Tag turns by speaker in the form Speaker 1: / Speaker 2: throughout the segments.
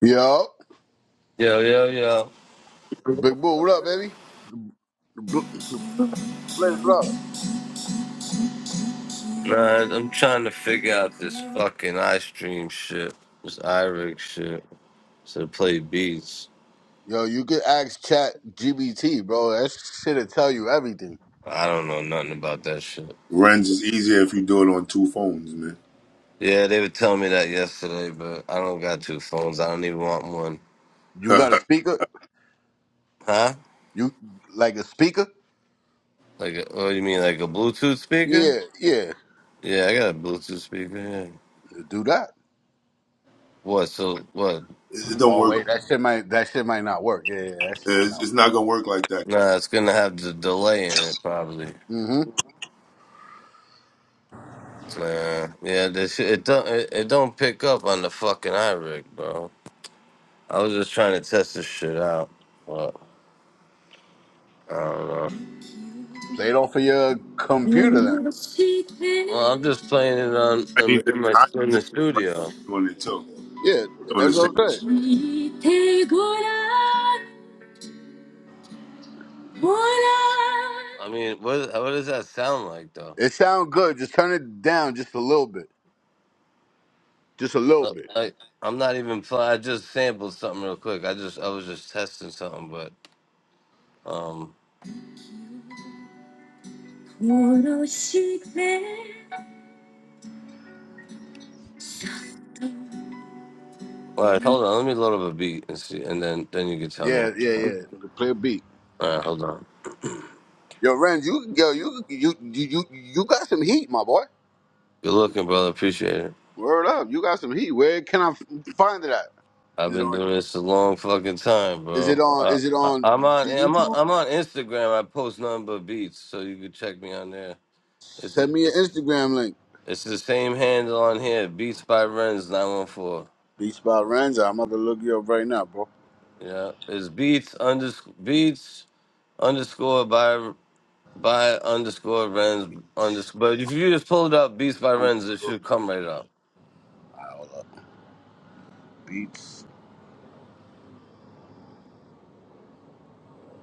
Speaker 1: Yo,
Speaker 2: Yo, yo, yo.
Speaker 1: Big Boo, what up, baby? Bl- Blaze, what up?
Speaker 2: Man, I'm trying to figure out this fucking iStream shit. This iRig shit. To play beats.
Speaker 1: Yo, you could ask Chat GBT, bro. That shit'll tell you everything.
Speaker 2: I don't know nothing about that shit.
Speaker 3: Runs is easier if you do it on two phones, man.
Speaker 2: Yeah, they were telling me that yesterday, but I don't got two phones. I don't even want one.
Speaker 1: You got a
Speaker 3: it
Speaker 1: speaker?
Speaker 2: Huh?
Speaker 1: You like a speaker?
Speaker 2: Like, a, oh, you mean like a Bluetooth speaker?
Speaker 1: Yeah, yeah.
Speaker 2: Yeah, I got a Bluetooth speaker. Yeah.
Speaker 1: Do that.
Speaker 2: What? So what?
Speaker 3: it don't
Speaker 1: Oh
Speaker 3: work.
Speaker 1: wait, that shit might that shit might not work. Yeah, yeah, that shit might
Speaker 3: It's,
Speaker 1: not
Speaker 3: it's not gonna work like that.
Speaker 2: Nah, it's gonna have the delay in it probably.
Speaker 1: work. Mm-hmm.
Speaker 2: Nah, yeah, this it don't it, it don't pick up on the fucking iRig, bro. I was just trying to test this shit out. Well, I don't know.
Speaker 1: Play it off of your computer then.
Speaker 2: Well, I'm just playing it on
Speaker 3: I
Speaker 2: um,
Speaker 3: even
Speaker 2: in my
Speaker 3: I
Speaker 2: in
Speaker 3: even
Speaker 2: the
Speaker 3: right
Speaker 2: studio.
Speaker 3: now doing it too.
Speaker 1: Yeah,
Speaker 3: Doing
Speaker 1: that's
Speaker 3: the same.
Speaker 1: what I'm saying.
Speaker 2: I mean, what what does that sound like though?
Speaker 1: It sound good. Just turn it down just a little bit. Just a little
Speaker 2: Uh,
Speaker 1: bit.
Speaker 2: Like I'm not even playing. I just sampled something real quick. I just I was just testing something, but um. All right, hold on. Let me load up a beat and see, and then then you can tell me.
Speaker 1: Yeah, yeah,
Speaker 2: All
Speaker 1: yeah. Play a beat.
Speaker 2: right, hold on.
Speaker 1: Yo, Ren, you yo, you you you you, you got some heat, my boy.
Speaker 2: Good looking, brother. Appreciate it.
Speaker 1: Word up, you got some heat. Where can I f- find it at?
Speaker 2: I've
Speaker 1: Is it
Speaker 2: been
Speaker 1: on?
Speaker 2: doing this a long fucking time,
Speaker 1: Is it
Speaker 2: bro.
Speaker 1: on?
Speaker 2: I,
Speaker 1: Is it
Speaker 2: I, I'm
Speaker 1: on
Speaker 2: on.
Speaker 1: the
Speaker 2: I'm on.
Speaker 1: YouTube?
Speaker 2: I'm on Instagram. I post nothing but beats, so you can check me on there. It's
Speaker 1: Send me an
Speaker 2: it's
Speaker 1: Instagram link.
Speaker 2: it's the same handle on here. Beats by Renz nine one four.
Speaker 1: Beats by Renz. I'm going to look you up right now, bro.
Speaker 2: Yeah, it's beats underscore beats underscore by by underscore Renz underscore. But if you just pull it up, beats by Renz, it
Speaker 1: Underscore.
Speaker 2: should come right up.
Speaker 1: Hold up. Beats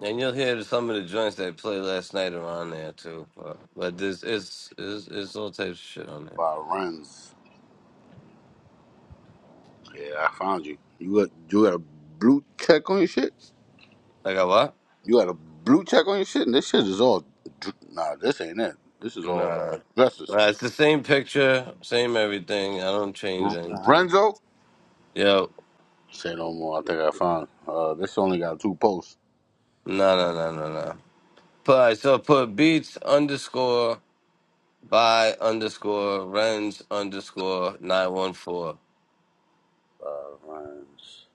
Speaker 2: And you'll hear some of the joints that played last night around there too. But, but this it's, it's it's all types of shit on there.
Speaker 1: by Renz. Yeah, I found you. You got you got a blue check on your shit.
Speaker 2: Like a what?
Speaker 1: You got a blue check on your shit, and this shit is all. dr- Nah, this ain't it. This is all
Speaker 2: Nah.
Speaker 1: dresses.
Speaker 2: nah. It's the same picture, same everything. I don't change
Speaker 1: R-
Speaker 2: anything.
Speaker 1: Renzo.
Speaker 2: Yo,
Speaker 1: Say no more. I think I found. Uh, this only got two posts.
Speaker 2: no no no no no. But alright, so put beats underscore by underscore rens underscore nine one four.
Speaker 1: Uh, Rens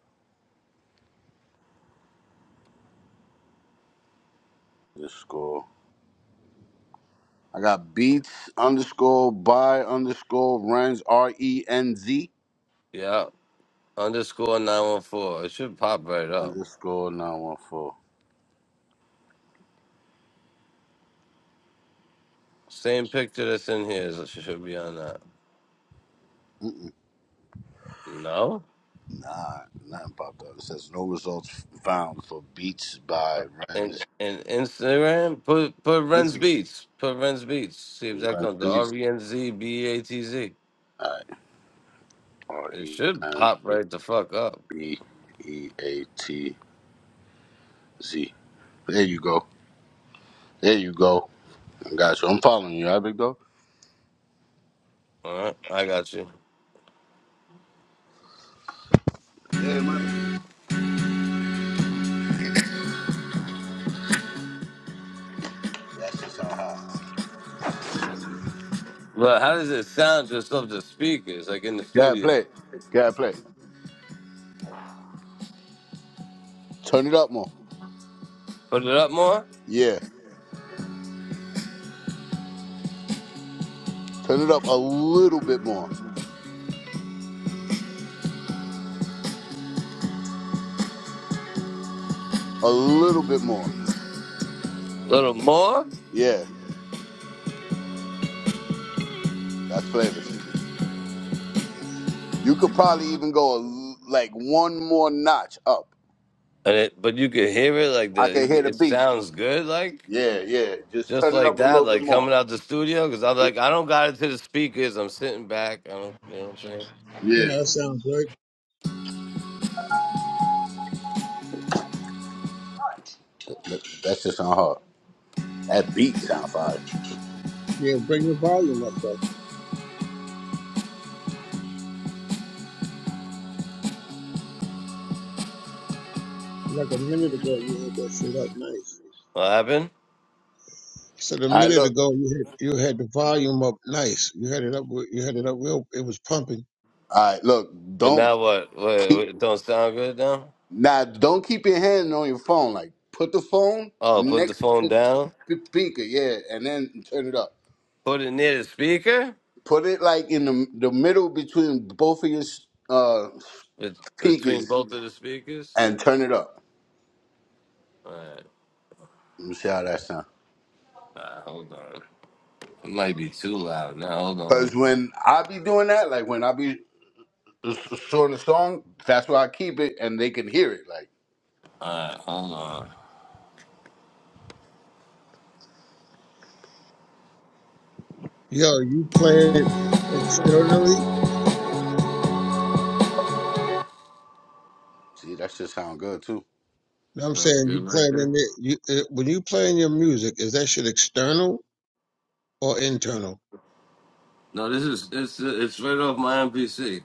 Speaker 1: underscore. I got beats underscore by underscore Rens R E N Z
Speaker 2: Yeah. Underscore nine one four. It should pop right up.
Speaker 1: underscore nine one four.
Speaker 2: Same picture that's in here is, should be on that. No?
Speaker 1: Nah, nothing popped up. It says no results found for beats by
Speaker 2: and
Speaker 1: Rens.
Speaker 2: and Instagram. Put put
Speaker 1: Beats.
Speaker 2: Renz Beats. Put Renz Beats. See if that
Speaker 1: Rens
Speaker 2: comes. The
Speaker 1: beats.
Speaker 2: R E N Z B E A T Z.
Speaker 1: Alright. R
Speaker 2: It
Speaker 1: E
Speaker 2: should
Speaker 1: N
Speaker 2: pop
Speaker 1: Z
Speaker 2: right the fuck up.
Speaker 1: B E A T Z. There you go. There you go. I got you. I'm following you. All right, big dog.
Speaker 2: All right, I got you.
Speaker 1: Yeah, man. That's just how hot.
Speaker 2: But how does it sound just off the speakers, like in the
Speaker 1: Gotta
Speaker 2: studio?
Speaker 1: play. gotta play. Turn it up more.
Speaker 2: Put it up more,
Speaker 1: Yeah. Turn it up a little bit more. A little bit more.
Speaker 2: a little more,
Speaker 1: Yeah. That's flavors. You could probably even go a l like one more notch up.
Speaker 2: and it. But you can hear it like
Speaker 1: I
Speaker 2: the.
Speaker 1: can
Speaker 2: you
Speaker 1: hear
Speaker 2: can-
Speaker 1: the
Speaker 2: It
Speaker 1: beat.
Speaker 2: sounds good, like
Speaker 1: Yeah, yeah. Just
Speaker 2: just
Speaker 1: turn it
Speaker 2: like
Speaker 1: up a
Speaker 2: that,
Speaker 1: little bit
Speaker 2: like
Speaker 1: more.
Speaker 2: coming out the studio. Because I'm like, I don't got it to the speakers. I'm sitting back. I don't. You know what I'm saying?
Speaker 1: Yeah.
Speaker 4: Man, that sounds good.
Speaker 1: That, that that shit sound hard. That beat sound fire.
Speaker 4: Yeah, bring the volume up though. Like a minute ago, you had that shit up nice.
Speaker 2: What happened?
Speaker 4: So the
Speaker 1: All right,
Speaker 4: minute
Speaker 1: look.
Speaker 4: ago, you had you had the volume up nice. You had it up. You had it up real. It was pumping.
Speaker 1: All right, look.
Speaker 2: But
Speaker 1: Don't
Speaker 2: now what? What?
Speaker 1: keep
Speaker 2: what it don't sound good now?
Speaker 1: now. Don't keep your hand on your phone. Like put the phone
Speaker 2: Oh, put the
Speaker 1: next
Speaker 2: phone
Speaker 1: to
Speaker 2: down.
Speaker 1: the speaker. Yeah, and then turn it up.
Speaker 2: Put it near the speaker.
Speaker 1: Put it like in the, the middle between both of your uh,
Speaker 2: Bet- Between
Speaker 1: speakers
Speaker 2: both of the speakers.
Speaker 1: and turn it up.
Speaker 2: All right.
Speaker 1: Let me see how that sounds.
Speaker 2: Nah, hold on. It might be too loud. Now hold on.
Speaker 1: Because when I be doing that, like when I be s- s- showing the song, that's why I keep it and they can hear it. Like,
Speaker 2: All right, hold on.
Speaker 4: Yo, you play it externally.
Speaker 1: see, that should sound good too.
Speaker 4: You Know what I'm
Speaker 2: Sounds
Speaker 4: saying
Speaker 2: good
Speaker 4: you
Speaker 2: right
Speaker 4: playing
Speaker 2: there.
Speaker 4: in it. You it, when you playing your music, is that shit external or internal?
Speaker 2: No, this is it's it's right off my MPC.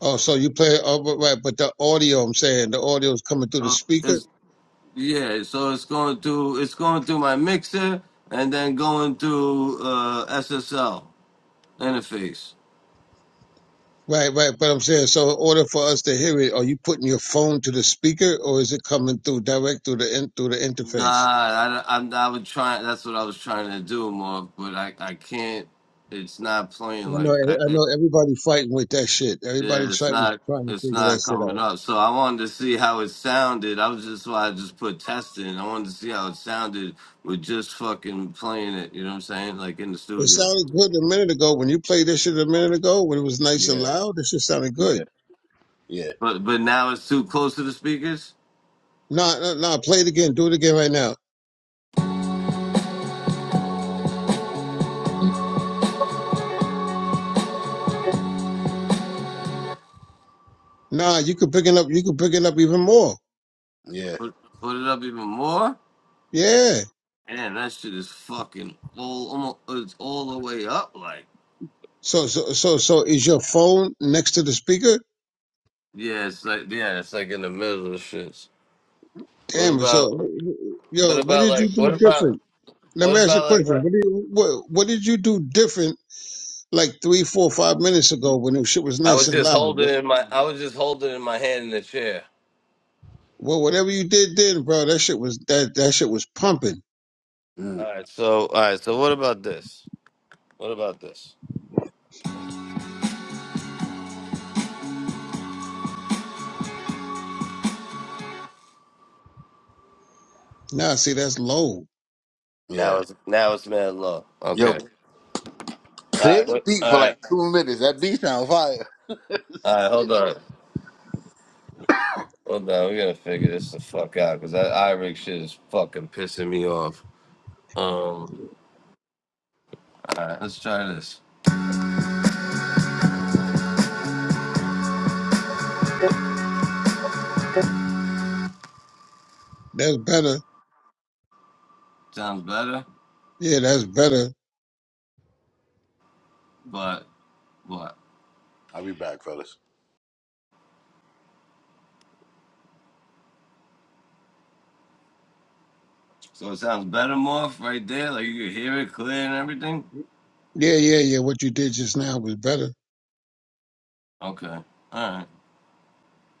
Speaker 4: Oh, so you play. Oh, but right, but the audio. I'm saying the audio is coming through the
Speaker 2: Oh,
Speaker 4: speaker.
Speaker 2: it's yeah. So it's going through it's going through my mixer and then going through uh, SSL interface.
Speaker 4: Right, right. But I'm saying, so in order for us to hear it, are you putting your phone to the speaker, or is it coming through direct through the in, through the
Speaker 2: Nah,
Speaker 4: interface?
Speaker 2: I, I, I would try. That's what I was trying to do, Mark. But I, I can't. It's not playing
Speaker 4: I know,
Speaker 2: like that.
Speaker 4: I
Speaker 2: It-
Speaker 4: know. Everybody fighting with that shit.
Speaker 2: yeah,
Speaker 4: Everybody
Speaker 2: it's
Speaker 4: trying
Speaker 2: not.
Speaker 4: trying to
Speaker 2: It's
Speaker 4: figure that
Speaker 2: not
Speaker 4: shit
Speaker 2: coming
Speaker 4: out.
Speaker 2: up. So I wanted to see how it sounded. I was just why I just put testing. I wanted to see how it sounded with just fucking playing it. You know what I'm saying? Like in the
Speaker 4: It
Speaker 2: studio.
Speaker 4: sounded good a minute ago when you played this shit a minute ago when it was nice and
Speaker 1: Yeah,
Speaker 4: loud. This shit sounded good.
Speaker 1: yeah, yeah,
Speaker 2: But but now it's too close to the speakers.
Speaker 4: Nah, nah, nah. Play it again. Do it again right now. Nah, you can pick it up. You can pick it up even more.
Speaker 1: yeah,
Speaker 2: Put put it up even more.
Speaker 4: Yeah.
Speaker 2: Man, that shit is fucking all almost. It's all the way up. Like
Speaker 4: So, so, so, so is your phone next to the speaker?
Speaker 2: yeah, it's like yeah, it's like in the middle of shit. What
Speaker 4: Damn. So,
Speaker 2: about what
Speaker 4: yo, what
Speaker 2: about
Speaker 4: did
Speaker 2: like
Speaker 4: you
Speaker 2: what
Speaker 4: do different?
Speaker 2: about
Speaker 4: Let
Speaker 2: what
Speaker 4: me ask you a
Speaker 2: about like
Speaker 4: question. What, do you, what, what did you do different like three, four, five minutes ago when the shit was
Speaker 2: I
Speaker 4: nice
Speaker 2: was
Speaker 4: and
Speaker 2: just
Speaker 4: loud?
Speaker 2: holding
Speaker 4: What,
Speaker 2: in my I was just holding in my hand in the chair.
Speaker 4: well, whatever you did then, bro, that shit was that that shit was pumping.
Speaker 2: All
Speaker 1: mm,
Speaker 2: right, so all right, so what about this? What about this?
Speaker 4: Now, see, that's low.
Speaker 2: Now
Speaker 1: yeah.
Speaker 2: it's now it's mad law.
Speaker 1: Yo,
Speaker 2: Okay. All
Speaker 1: play
Speaker 2: right.
Speaker 1: the
Speaker 2: What,
Speaker 1: beat
Speaker 2: all
Speaker 1: for
Speaker 2: right.
Speaker 1: like two minutes. That beat sound fire.
Speaker 2: All right. Hold on. Hold on. We gotta figure this the fuck out because that Irish shit is fucking pissing me off. Um. All right. Let's try this.
Speaker 4: That's better.
Speaker 2: Sounds better,
Speaker 4: Yeah, that's better.
Speaker 2: but what?
Speaker 1: I'll be back, fellas.
Speaker 2: So it sounds better, Morph, right there. Like you can hear it clear and everything.
Speaker 4: Yeah, yeah, yeah. What you did just now was better.
Speaker 2: Okay. All right.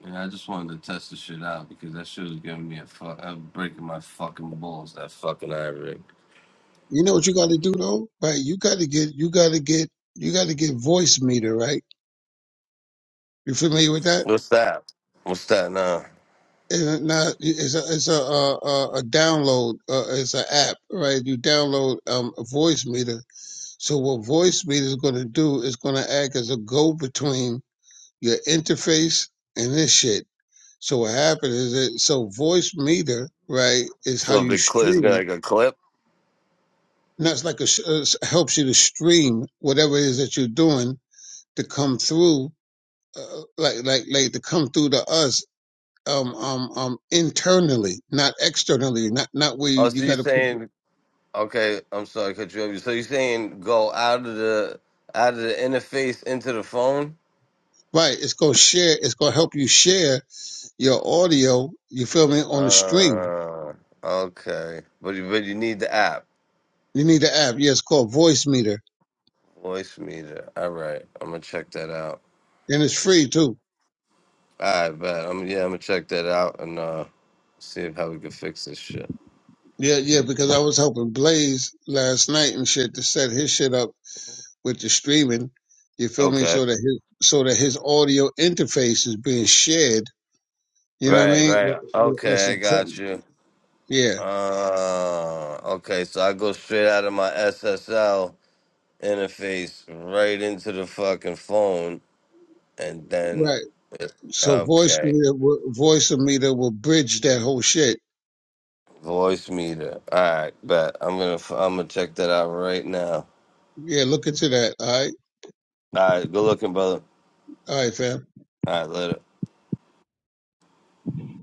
Speaker 2: Yeah, I just wanted to test the shit out because that shit was giving me a fuck. I was breaking my fucking balls. That fucking ivory.
Speaker 4: You know what you got to do though, right? You got to get, you got to get, you got to get voice meter, right? You familiar with that?
Speaker 2: What's that? What's that now?
Speaker 4: And now it's a nah, it's a a, a uh, uh, a download. Uh, it's an app, right? You download um a voice meter So what voice meter is going to do is going to act as a go between your interface and this shit. So what happens is it so voice meter right is how
Speaker 2: So a
Speaker 4: you
Speaker 2: big clip. It's got
Speaker 4: stream.
Speaker 2: like a clip.
Speaker 4: And that's like a uh, helps you to stream whatever it is that you're doing to come through, uh, like like like to come through to us um um um internally, not externally, not not where
Speaker 2: Oh,
Speaker 4: you,
Speaker 2: so
Speaker 4: you
Speaker 2: you
Speaker 4: got to put your-
Speaker 2: saying? Okay, I'm sorry, cut you off. So you saying go out of the out of the interface into the phone?
Speaker 4: right. It's gonna share. It's gonna help you share your audio. You feel me on the stream
Speaker 2: Uh, okay. But you, but you need the app,
Speaker 4: You need the app. Yeah, it's called Voice Meter,
Speaker 2: voice meter. All right, I'm gonna check that out.
Speaker 4: and it's free too.
Speaker 2: All right, bet. I'm yeah, I'm gonna check that out and uh see if how we can fix this shit.
Speaker 4: Yeah, yeah, because I was helping Blaze last night and shit to set his shit up with the streaming. You feel me?
Speaker 2: Okay.
Speaker 4: So that his so that his audio interface is being shared. You know what I
Speaker 2: Right,
Speaker 4: mean?
Speaker 2: right.
Speaker 4: With- with us
Speaker 2: Okay, I
Speaker 4: and Chuck.
Speaker 2: got you.
Speaker 4: Yeah,
Speaker 2: Uh, okay, so I go straight out of my SSL interface right into the fucking phone, and then
Speaker 4: right. So Voice
Speaker 2: okay,
Speaker 4: Meter, will- Voice Meter will bridge that whole shit.
Speaker 2: voice meter. All right, bet I'm gonna I'm gonna check that out right now.
Speaker 4: Yeah, look into that. All right,
Speaker 2: All right, good looking, brother.
Speaker 4: all right,
Speaker 2: All right, later.
Speaker 4: fam.